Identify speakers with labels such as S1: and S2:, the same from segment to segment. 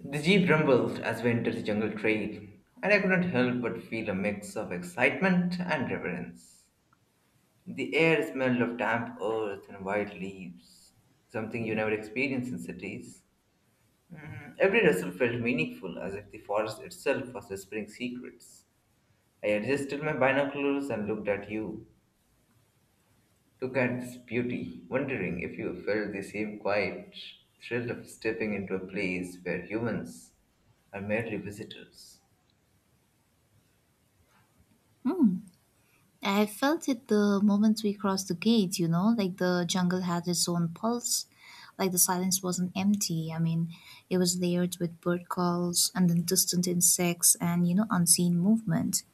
S1: The jeep rumbled as we entered the jungle trail, and I couldn't help but feel a mix of excitement and reverence. The air smelled of damp earth and wild leaves, something you never experience in cities. Every rustle felt meaningful, as if the forest itself was whispering secrets. I adjusted my binoculars and looked at you. Look at this beauty, wondering if you felt the same quiet thrill of stepping into a place where humans are merely visitors.
S2: I felt it the moment we crossed the gate, like the jungle had its own pulse, like the silence wasn't empty. It was layered with bird calls and then distant insects and, unseen movement.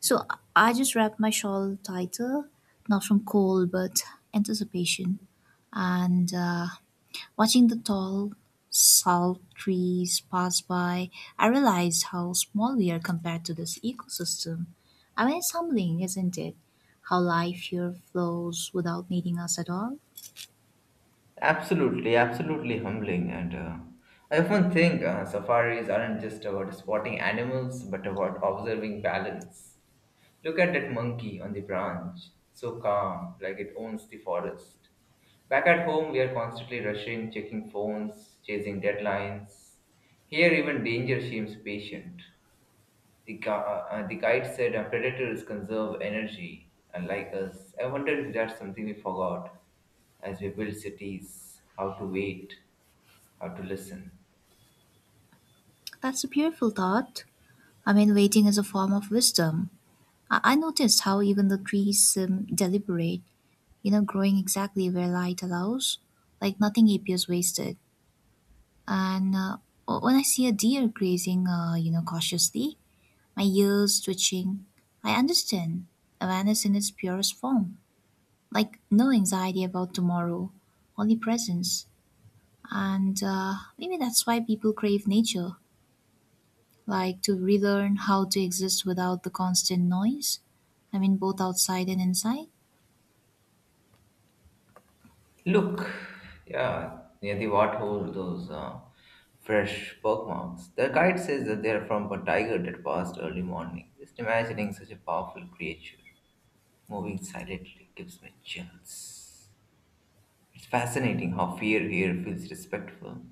S2: So I just wrapped my shawl tighter, not from cold, but anticipation. And Watching the tall salt trees pass by, I realized how small we are compared to this ecosystem. I mean, it's humbling, isn't it? How life here flows without needing us at all.
S1: Absolutely, absolutely humbling. And I often think safaris aren't just about spotting animals, but about observing balance. Look at that monkey on the branch, so calm, like it owns the forest. Back at home, we are constantly rushing, checking phones, chasing deadlines. Here, even danger seems patient. The guide said predators conserve energy, unlike us. I wonder if that's something we forgot as we build cities, how to wait how to listen.
S2: That's a beautiful thought. I mean, waiting is a form of wisdom. I noticed how even the trees seem deliberate, growing exactly where light allows, like nothing appears wasted. And when I see a deer grazing, cautiously, my ears twitching. I understand. Awareness in its purest form. Like no anxiety about tomorrow, only presence. And maybe that's why people crave nature, like to relearn how to exist without the constant noise. I mean, both outside and inside.
S1: Look, yeah, near the what hole, those fresh pock marks. The guide says that they are from a tiger that passed early morning. Just imagining such a powerful creature moving silently gives me chills. It's fascinating how fear here feels respectful,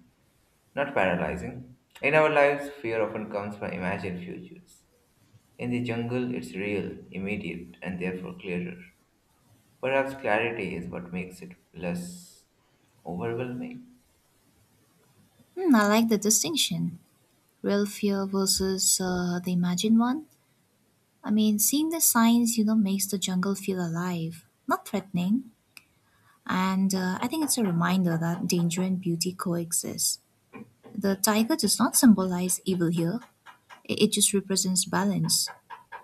S1: not paralyzing. In our lives, fear often comes from imagined futures. In the jungle, it's real, immediate, and therefore clearer. Perhaps clarity is what makes it less overwhelming.
S2: Hmm, I like the distinction. Real fear versus the imagined one. I mean, seeing the signs, makes the jungle feel alive, not threatening. And I think it's a reminder that danger and beauty coexist. The tiger does not symbolize evil here, it just represents balance.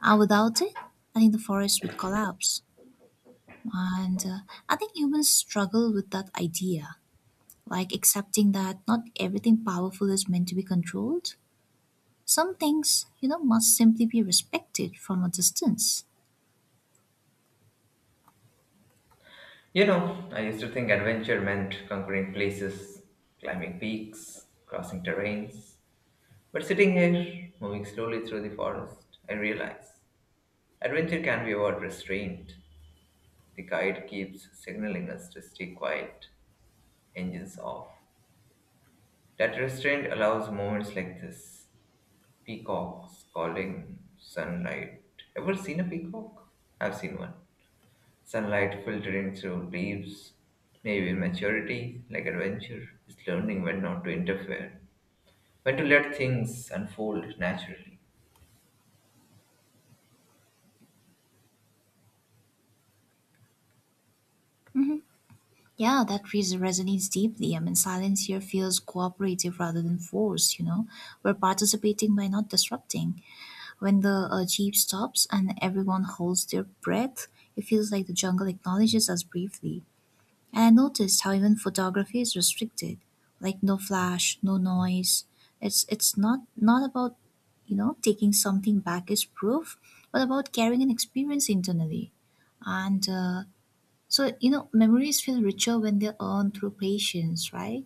S2: And without it, I think the forest would collapse. And I think humans struggle with that idea, like accepting that not everything powerful is meant to be controlled. Some things, must simply be respected from a distance.
S1: You know, I used to think adventure meant conquering places, climbing peaks, crossing terrains. But sitting here, moving slowly through the forest, I realize adventure can be about restraint. The guide keeps signaling us to stay quiet, engines off. That restraint allows moments like this peacocks calling, sunlight. Ever seen a peacock? I've seen one. Sunlight filtering through leaves, maybe maturity, like adventure, is learning when not to interfere, when to let things unfold naturally.
S2: Yeah, resonates deeply. I mean, silence here feels cooperative rather than forced, you know. We're participating by not disrupting. When the jeep stops and everyone holds their breath, it feels like the jungle acknowledges us briefly. And I noticed how even photography is restricted. Like no flash, no noise. It's not about, taking something back as proof, but about carrying an experience internally. And so, memories feel richer when they're earned through patience, right?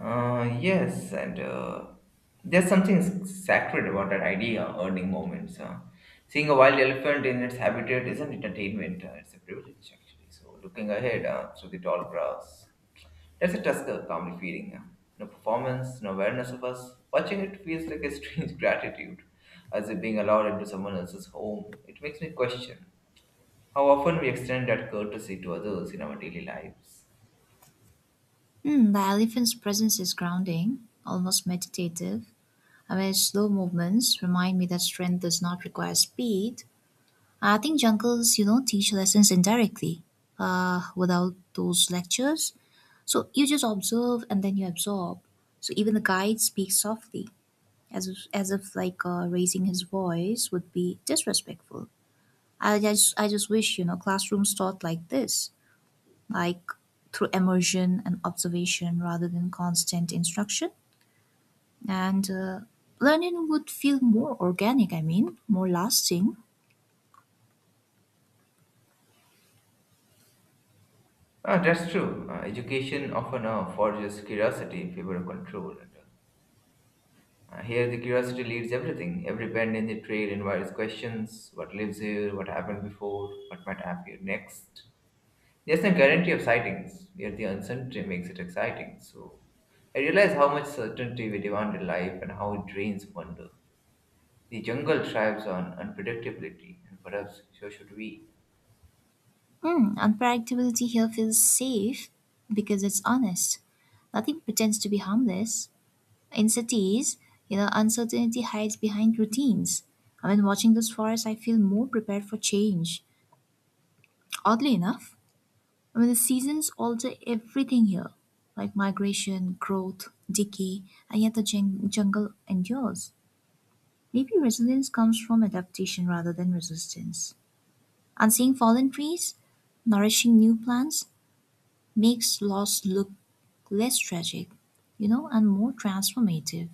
S1: Yes, and there's sacred about that idea, earning moments. Seeing a wild elephant in its habitat isn't entertainment, it's a privilege actually. So, looking ahead through the tall grass, that's a Tusker comedy feeling. No performance, no awareness of us. Watching it feels like a strange gratitude, as if being allowed into someone else's home. It makes me question how often we extend that courtesy to others in our daily lives.
S2: Mm, the elephant's presence is grounding, almost meditative. I mean, slow movements remind me that strength does not require speed. I think jungles, teach lessons indirectly without those lectures. So you just observe and then you absorb. So even the guide speaks softly, as if raising his voice would be disrespectful. I just wish, classrooms taught like this, like through immersion and observation rather than constant instruction. And learning would feel more organic, I mean, more lasting.
S1: Ah, that's true. Education often forges curiosity in favor of control. Here, the curiosity leads everything. Every bend in the trail invites questions: what lives here, what happened before, what might appear next. There's no guarantee of sightings, yet the uncertainty makes it exciting. So I realize how much certainty we demand in life and how it drains wonder. The jungle thrives on unpredictability, and perhaps so should we.
S2: Mm, unpredictability here feels safe because it's honest. Nothing pretends to be harmless. In cities, uncertainty hides behind routines. I mean, watching those forests, I feel more prepared for change. Oddly enough, I mean, the seasons alter everything here, like migration, growth, decay, and yet jungle endures. Maybe resilience comes from adaptation rather than resistance. And seeing fallen trees, nourishing new plants, makes loss look less tragic, and more transformative.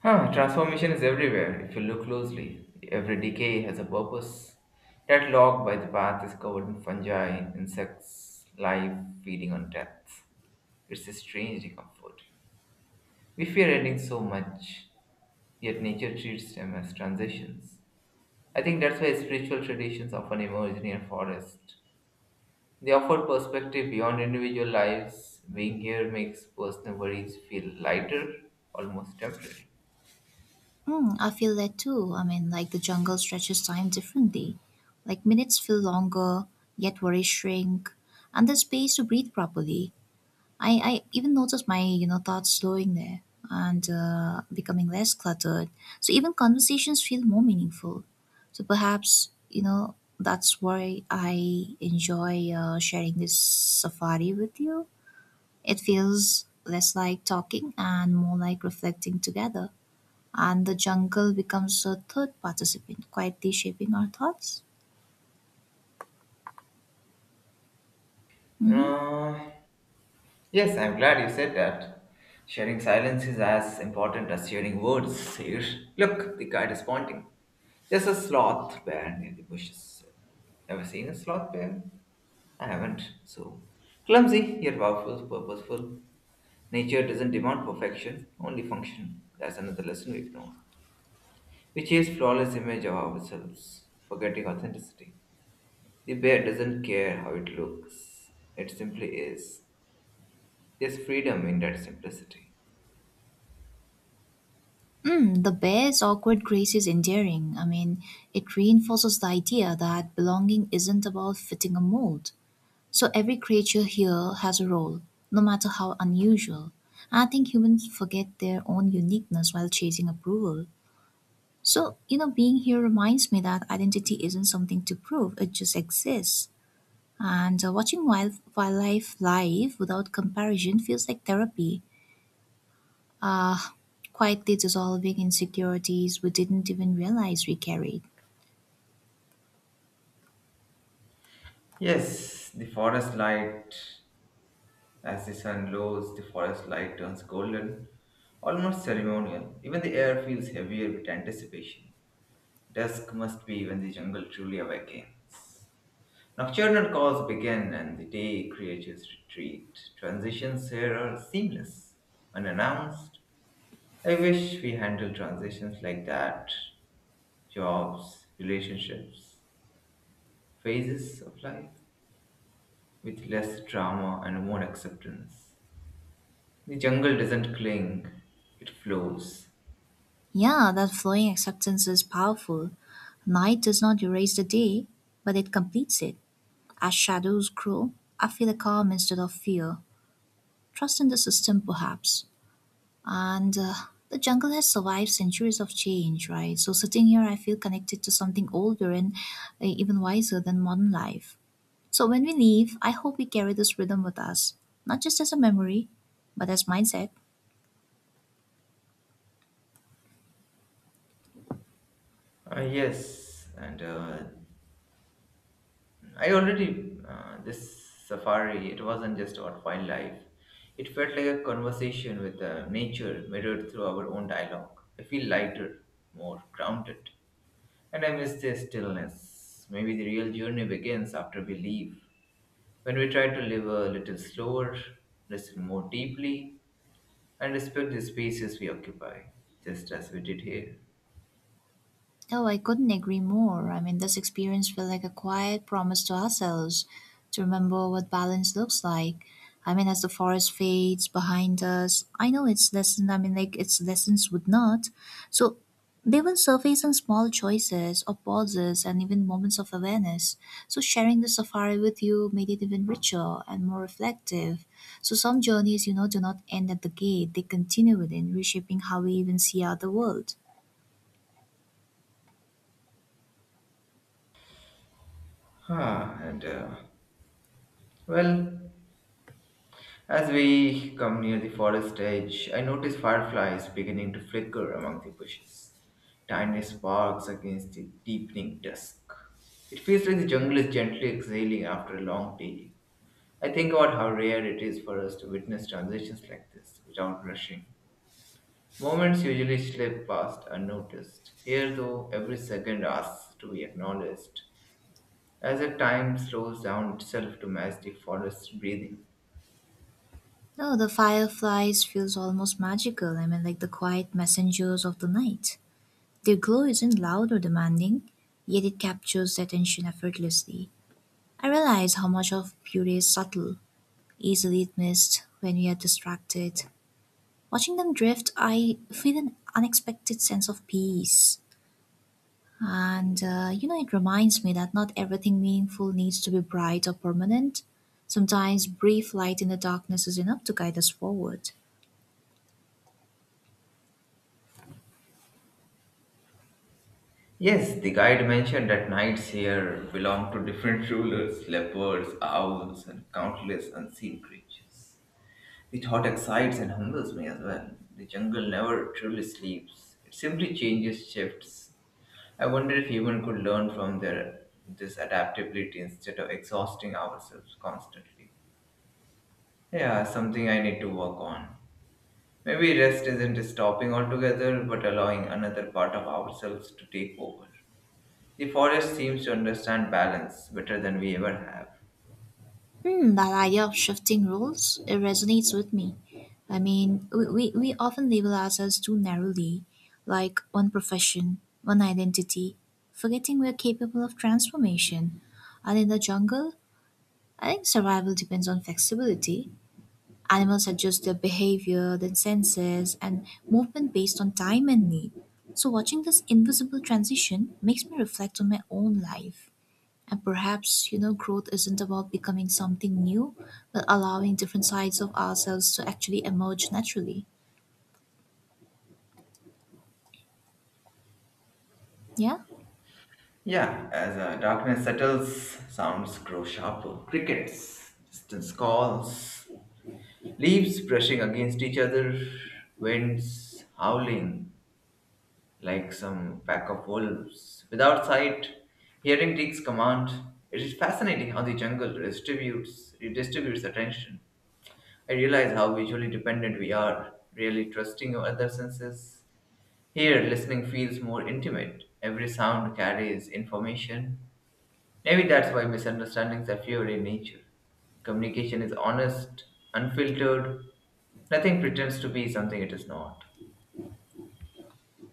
S1: Huh, transformation is everywhere if you look closely. Every decay has a purpose. That log by the path is covered in fungi, insects, life feeding on death. It's strangely comforting. We fear endings so much, yet nature treats them as transitions. I think that's why spiritual traditions often emerge near forests. They offer perspective beyond individual lives. Being here makes personal worries feel lighter, almost temporary.
S2: Mm, I feel that too. I mean, like the jungle stretches time differently. Like minutes feel longer, yet worries shrink, and there's space to breathe properly. I even noticed my thoughts slowing there and becoming less cluttered. So even conversations feel more meaningful. So perhaps that's why I enjoy sharing this safari with you. It feels less like talking and more like reflecting together. And the jungle becomes a third participant, quietly shaping our thoughts. Hmm.
S1: Uh, yes, I'm glad you said that. Sharing silence is as important as sharing words here. Look, the guide is pointing. There's a sloth bear near the bushes. Ever seen a sloth bear? I haven't, so. Clumsy, yet powerful, purposeful. Nature doesn't demand perfection, only function. That's another lesson we ignore. We chase flawless image of ourselves, forgetting authenticity. The bear doesn't care how it looks. It simply is. There's freedom in that simplicity.
S2: Mm, the bear's awkward grace is endearing. I mean, it reinforces the idea that belonging isn't about fitting a mold. So every creature here has a role, no matter how unusual. I think humans forget their own uniqueness while chasing approval. So, being here reminds me that identity isn't something to prove, it just exists. And watching wildlife live without comparison feels like therapy, uh, quietly dissolving insecurities we didn't even realize we carried.
S1: Yes, the forest light, as the sun lows, the forest light turns golden, almost ceremonial. Even the air feels heavier with anticipation. Dusk must be when the jungle truly awakens. Nocturnal calls begin and the day creatures retreat. Transitions here are seamless, unannounced. I wish we handled transitions like that jobs, relationships, phases of life with less drama and more acceptance. The jungle doesn't cling, it flows.
S2: Yeah, that flowing acceptance is powerful. Night does not erase the day, but it completes it. As shadows grow, I feel a calm instead of fear, trust in the system perhaps. And the jungle has survived centuries of change, right? So sitting here, I feel connected to something older and even wiser than modern life. So when we leave, I hope we carry this rhythm with us, not just as a memory, but as mindset.
S1: Ah yes, and I already this safari. It wasn't just about wildlife. It felt like a conversation with nature mirrored through our own dialogue. I feel lighter, more grounded, and I miss the stillness. Maybe the real journey begins after we leave, when we try to live a little slower, listen more deeply, and respect the spaces we occupy, just as we did here.
S2: Oh, I couldn't agree more. I mean, this experience felt like a quiet promise to ourselves to remember what balance looks like. I mean, as the forest fades behind us, I know its lesson. I mean, like its lessons would not. So they will surface in small choices or pauses and even moments of awareness. So sharing the safari with you made it even richer and more reflective. So some journeys, do not end at the gate. They continue within, reshaping how we even see out the world.
S1: Ah, and uh, well, As we come near the forest edge, I notice fireflies beginning to flicker among the bushes, tiny sparks against the deepening dusk. It feels like the jungle is gently exhaling after a long day. I think about how rare it is for us to witness transitions like this without rushing. Moments usually slip past unnoticed. Here, though, every second asks to be acknowledged, as if time slows down itself to match the forest's breathing.
S2: No, the fireflies feels almost magical. I mean, like the quiet messengers of the night. Their glow isn't loud or demanding, yet it captures the attention effortlessly. I realize how much of beauty is subtle, easily missed when we are distracted. Watching them drift, I feel an unexpected sense of peace. And it reminds me that not everything meaningful needs to be bright or permanent. Sometimes brief light in the darkness is enough to guide us forward.
S1: Yes, the guide mentioned that knights here belong to different rulers, leopards, owls, and countless unseen creatures. The thought excites and humbles me as well. The jungle never truly sleeps, it simply changes shifts. I wonder if human could learn from their this adaptability instead of exhausting ourselves constantly. Yeah, something I need to work on. Maybe rest isn't stopping altogether, but allowing another part of ourselves to take over. The forest seems to understand balance better than we ever have.
S2: Hmm, that idea of shifting roles, it resonates with me. I mean, we often label ourselves too narrowly, like one profession, one identity, forgetting we're capable of transformation. And in the jungle, I think survival depends on flexibility. Animals adjust their behavior, their senses, and movement based on time and need. So, watching this invisible transition makes me reflect on my own life. And perhaps, growth isn't about becoming something new, but allowing different sides of ourselves to actually emerge naturally. Yeah?
S1: Yeah, as darkness settles, sounds grow sharper. Crickets, distant calls, leaves brushing against each other, winds howling like some pack of wolves. Without sight, hearing takes command. It is fascinating how the jungle distributes redistributes attention. I realize how visually dependent we are, really trusting our other senses. Here, listening feels more intimate. Every sound carries information. Maybe that's why misunderstandings are fewer in nature. Communication is honest, unfiltered. Nothing pretends to be something it is not.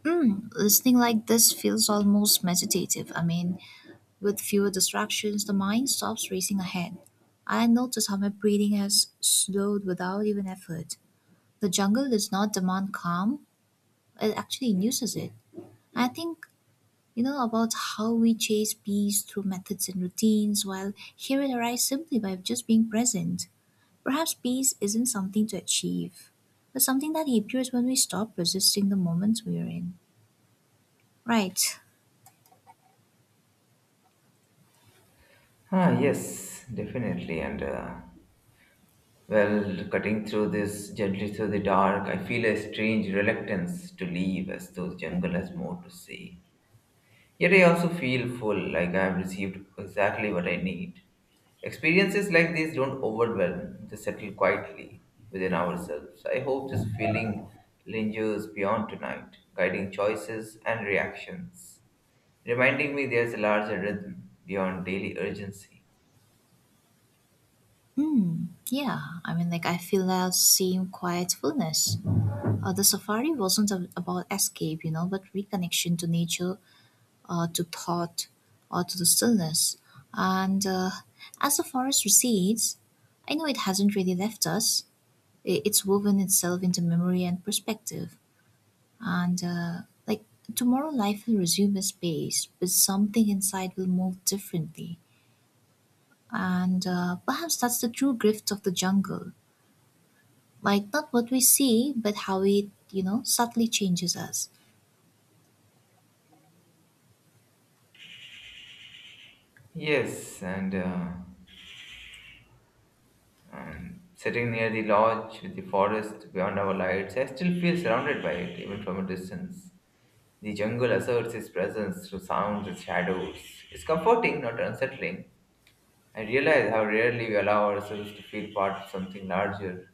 S2: Mm, listening like this feels almost meditative. I mean, with fewer distractions, the mind stops racing ahead. I notice how my breathing has slowed without even effort. The jungle does not demand calm, it actually induces it. I think, about how we chase peace through methods and routines, while here it arrives simply by just being present. Perhaps peace isn't something to achieve, but something that appears when we stop resisting the moments we are in. Right.
S1: Ah, yes, definitely. Cutting through this, gently through the dark, I feel a strange reluctance to leave as though the jungle has more to say. Yet I also feel full, like I have received exactly what I need. Experiences like these don't overwhelm, they settle quietly within ourselves. I hope this feeling lingers beyond tonight, guiding choices and reactions, reminding me there's a larger rhythm beyond daily urgency.
S2: Hmm. Yeah. I mean, like, I feel that same quiet fullness. The safari wasn't about escape, but reconnection to nature, to thought, or to the stillness. And as the forest recedes, I know it hasn't really left us. It's woven itself into memory and perspective. And like tomorrow, life will resume its pace, but something inside will move differently. And perhaps that's the true gift of the jungle. Like, not what we see, but how it, subtly changes us.
S1: Yes, and Sitting near the lodge with the forest beyond our lights, I still feel surrounded by it, even from a distance. The jungle asserts its presence through sounds and shadows. It's comforting, not unsettling. I realize how rarely we allow ourselves to feel part of something larger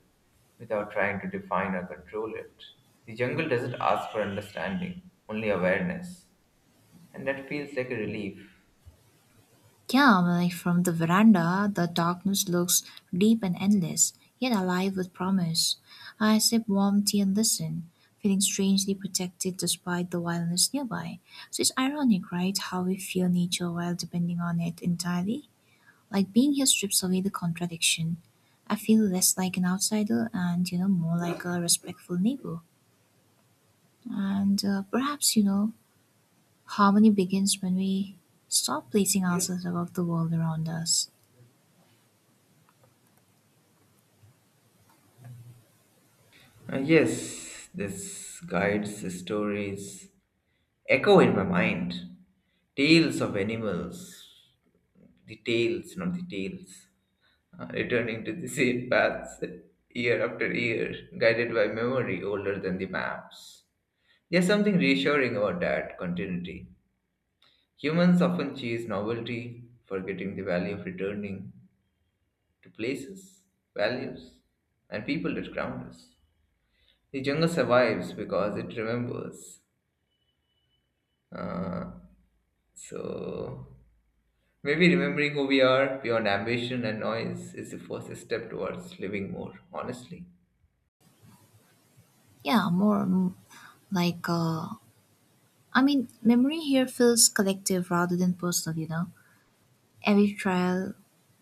S1: without trying to define or control it. The jungle doesn't ask for understanding, only awareness, and that feels like a relief.
S2: Yeah, like from the veranda, the darkness looks deep and endless, yet alive with promise. I sip warm tea and listen, feeling strangely protected despite the wildness nearby. So it's ironic, right? How we fear nature while depending on it entirely. Like being here strips away the contradiction. I feel less like an outsider and, more like a respectful neighbor. And perhaps, harmony begins when we stop placing ourselves above the world around us.
S1: Yes, this guides the stories echo in my mind. Tales of animals, the tales, not the tales. Returning to the same paths year after year, guided by memory older than the maps. There's something reassuring about that continuity. Humans often chase novelty, forgetting the value of returning to places, values, and people that ground us. The jungle survives because it remembers. Uh, so, Maybe remembering who we are beyond ambition and noise is the first step towards living more honestly.
S2: Yeah, more mm, like, uh, I mean, memory here feels collective rather than personal, you know. Every trial,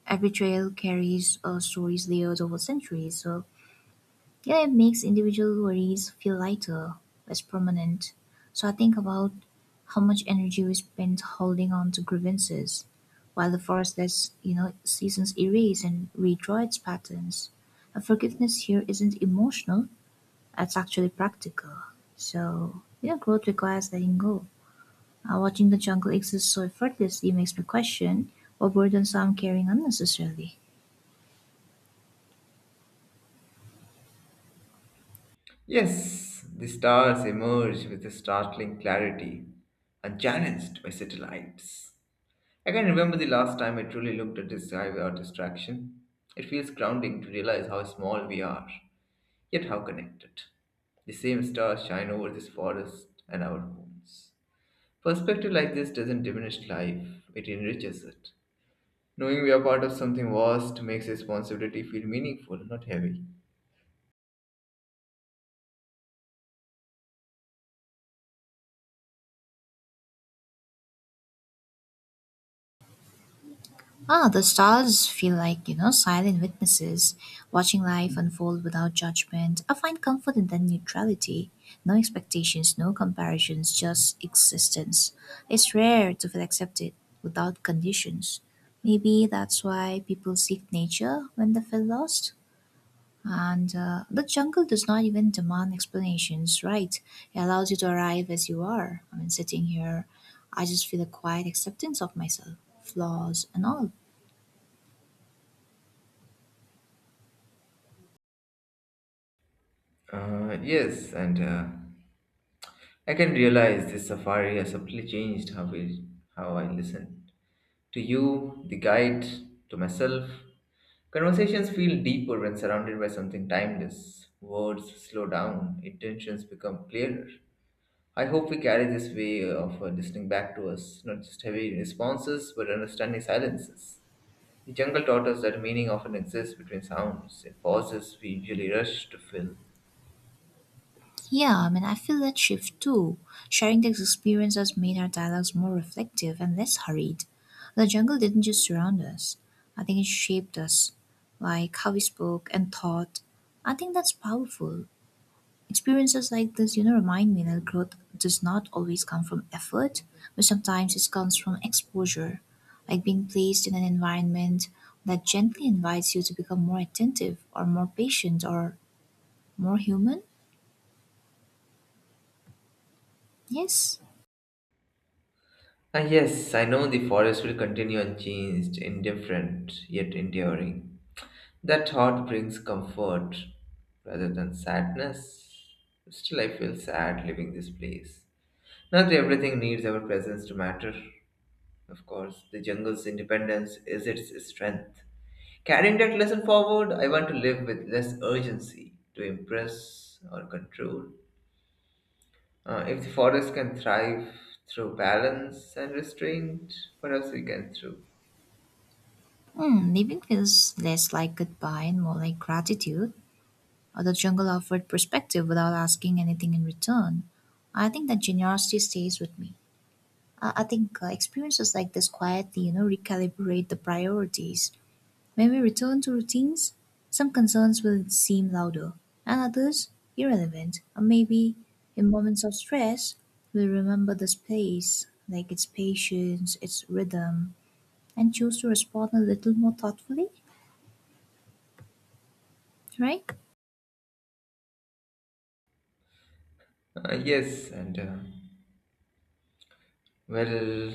S2: every trail carries stories layered over centuries. So yeah, it makes individual worries feel lighter, less permanent. So I think about how much energy we spend holding on to grievances, while the forest lets seasons erase and redraw its patterns. And forgiveness here isn't emotional; it's actually practical. So yeah, growth requires letting go. Watching the jungle exist so effortlessly makes me question what burdens I'm carrying unnecessarily.
S1: Yes, the stars emerge with a startling clarity, unchallenged by satellites. I can remember the last time I truly looked at the sky without distraction. It feels grounding to realize how small we are, yet how connected. The same stars shine over this forest and our homes. Perspective like this doesn't diminish life, it enriches it. Knowing we are part of something vast makes responsibility feel meaningful, not heavy.
S2: Ah, the stars feel like, silent witnesses, watching life unfold without judgment. I find comfort in that neutrality. No expectations, no comparisons, just existence. It's rare to feel accepted without conditions. Maybe that's why people seek nature when they feel lost. And the jungle does not even demand explanations, right? It allows you to arrive as you are. I mean, sitting here, I just feel a quiet acceptance of myself, flaws, and all.
S1: Yes, and I can realize this safari has subtly changed how I listen to you, the guide, to myself. Conversations feel deeper when surrounded by something timeless. Words slow down, intentions become clearer. I hope we carry this way of listening back to us, not just heavy responses, but understanding silences. The jungle taught us that meaning often exists between sounds, in pauses we usually rush to fill.
S2: Yeah, I mean, I feel that shift too. Sharing these experiences made our dialogues more reflective and less hurried. The jungle didn't just surround us, I think it shaped us, like how we spoke and thought. I think that's powerful. Experiences like this, remind me that growth does not always come from effort, but sometimes it comes from exposure, like being placed in an environment that gently invites you to become more attentive or more patient or more human. Yes.
S1: Ah, yes, I know the forest will continue unchanged, indifferent, yet enduring. That thought brings comfort rather than sadness. Still, I feel sad leaving this place. Not everything needs our presence to matter. Of course, the jungle's independence is its strength. Carrying that lesson forward, I want to live with less urgency to impress or control. If the forest can thrive through balance and restraint, perhaps we can too.
S2: Hmm, leaving feels less like goodbye and more like gratitude. Or the jungle offered perspective without asking anything in return. I think that generosity stays with me. I think experiences like this quietly, recalibrate the priorities. When we return to routines, some concerns will seem louder, and others irrelevant. Or maybe in moments of stress, we remember the space, like its patience, its rhythm, and choose to respond a little more thoughtfully, right?
S1: Uh, yes, and uh, well,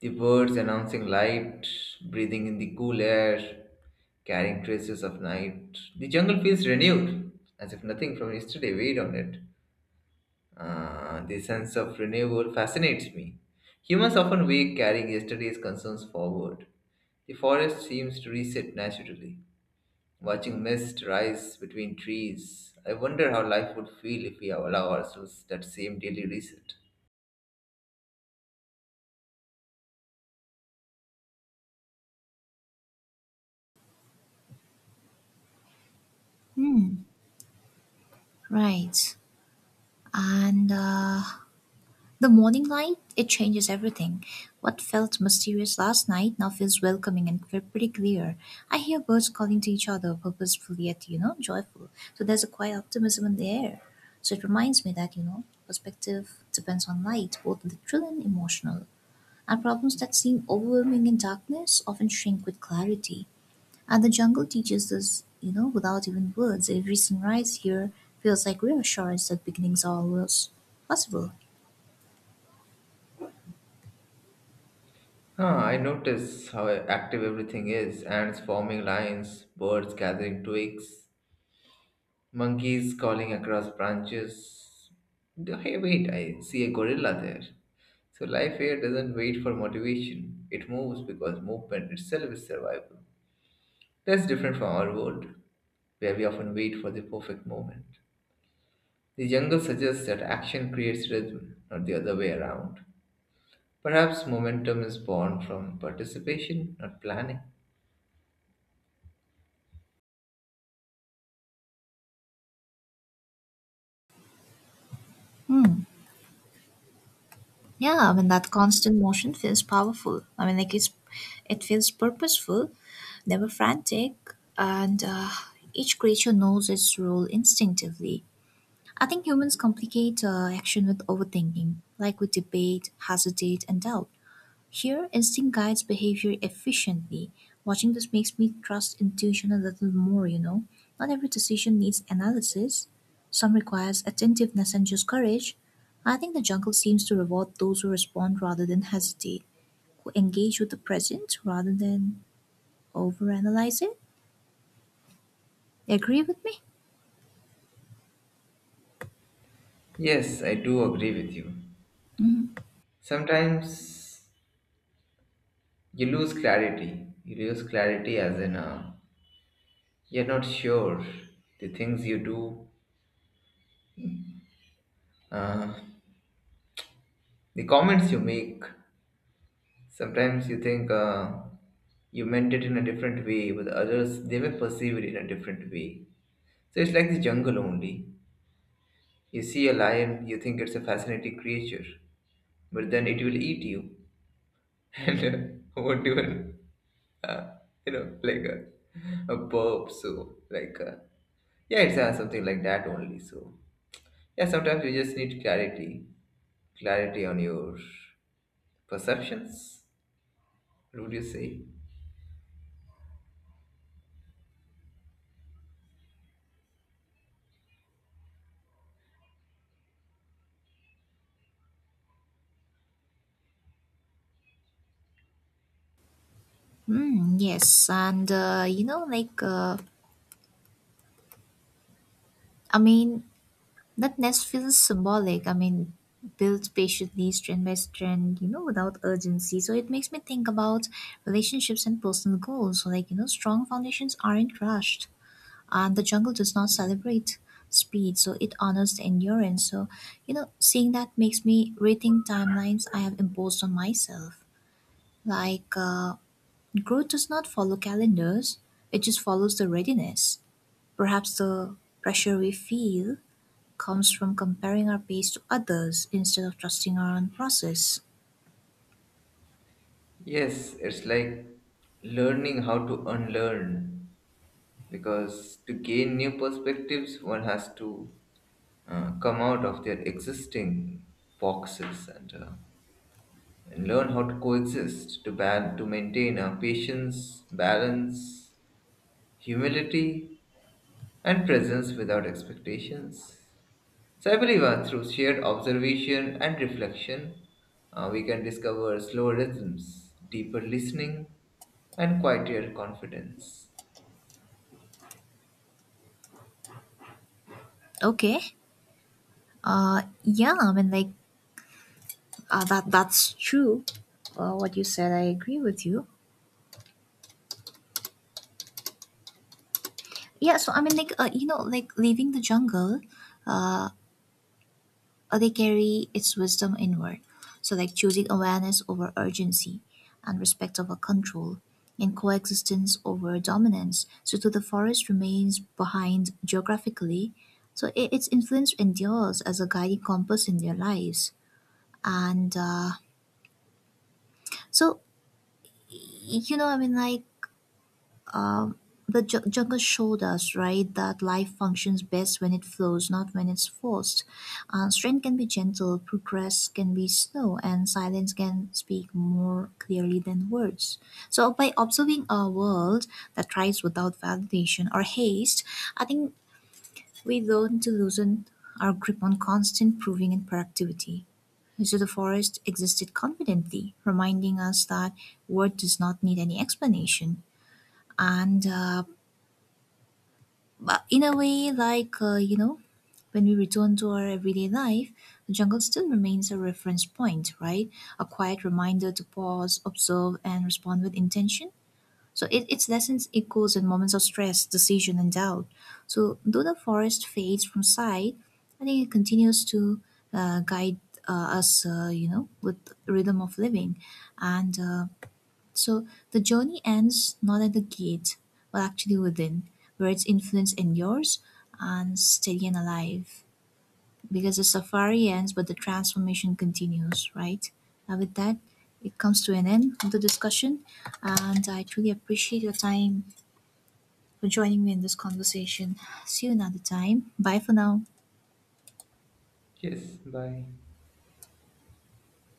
S1: the birds announcing light, breathing in the cool air, carrying traces of night. The jungle feels renewed, as if nothing from yesterday weighed on it. The sense of renewal fascinates me. Humans often wake carrying yesterday's concerns forward. The forest seems to reset naturally. Watching mist rise between trees, I wonder how life would feel if we allow ourselves that same daily reset.
S2: Hmm. Right. And The morning light, it changes everything. What felt mysterious last night now feels welcoming and pretty clear. I hear birds calling to each other, purposeful yet, joyful. So there's a quiet optimism in the air. So it reminds me that, perspective depends on light, both literal and emotional. And problems that seem overwhelming in darkness often shrink with clarity. And the jungle teaches us, without even words, every sunrise here feels like reassurance that beginnings are always possible.
S1: Huh, I notice how active everything is ants forming lines, birds gathering twigs, monkeys calling across branches. Hey, wait, I see a gorilla there. So life here doesn't wait for motivation, it moves because movement itself is survival. That's different from our world, where we often wait for the perfect moment. The jungle suggests that action creates rhythm, not the other way around. Perhaps momentum is born from participation, not planning.
S2: Hmm. Yeah, I mean that constant motion feels powerful. It feels purposeful, never frantic, and each creature knows its role instinctively. I think humans complicate action with overthinking, like we debate, hesitate, and doubt. Here, instinct guides behavior efficiently. Watching this makes me trust intuition a little more, you know. Not every decision needs analysis. Some requires attentiveness and just courage. I think the jungle seems to reward those who respond rather than hesitate, who engage with the present rather than overanalyze it. Agree with me?
S1: Yes, I do agree with you.
S2: Mm,
S1: Sometimes you lose clarity. You lose clarity as in you're not sure the things you do, the comments you make. Sometimes you think you meant it in a different way, but others they may perceive it in a different way. So it's like the jungle only. You see a lion, you think it's a fascinating creature, but then it will eat you. And what do you, uh, you know, like a burp, so like. Yeah, it's something like that only. So, yeah, sometimes you just need clarity, clarity on your perceptions, would you say?
S2: mm, yes, and you know, like, I mean, that nest feels symbolic. I mean, built patiently, strand by strand, without urgency. So it makes me think about relationships and personal goals. So, like, strong foundations aren't rushed, and the jungle does not celebrate speed. So it honors the endurance. So, seeing that makes me rethink timelines I have imposed on myself. Like, growth does not follow calendars, it just follows the readiness. Perhaps the pressure we feel comes from comparing our pace to others instead of trusting our own process.
S1: Yes, it's like learning how to unlearn because to gain new perspectives, one has to come out of their existing boxes and learn how to coexist to ban to maintain our patience, balance, humility, and presence without expectations. So I believe through shared observation and reflection, we can discover slower rhythms, deeper listening, and quieter confidence.
S2: Okay. Yeah, I mean, that's true. What you said, I agree with you. Yeah, so I mean, leaving the jungle, uh, or they carry its wisdom inward. So, like choosing awareness over urgency, and respect over control, and coexistence over dominance. So, too, the forest remains behind geographically. So, I its influence endures as a guiding compass in their lives. And so, you know, I mean, like But Junker showed us, right, that life functions best when it flows, not when it's forced. Strength can be gentle, progress can be slow, and silence can speak more clearly than words. So, by observing a world that thrives without validation or haste, I think we learn to loosen our grip on constant proving and productivity. So, the forest existed confidently, reminding us that word does not need any explanation. And But in a way, when we return to our everyday life, the jungle still remains a reference point, right? A quiet reminder to pause, observe, and respond with intention. Its lessons echoes in moments of stress, decision, and doubt. So though the forest fades from sight, I think it continues to guide us, with the rhythm of living. And so the journey ends not at the gate, but actually within, where its influence endures and steady and alive. Because the safari ends, but the transformation continues, right? Now, with that, it comes to an end of the discussion, and I truly appreciate your time for joining me in this conversation. See you another time. Bye for now.
S1: Yes, bye.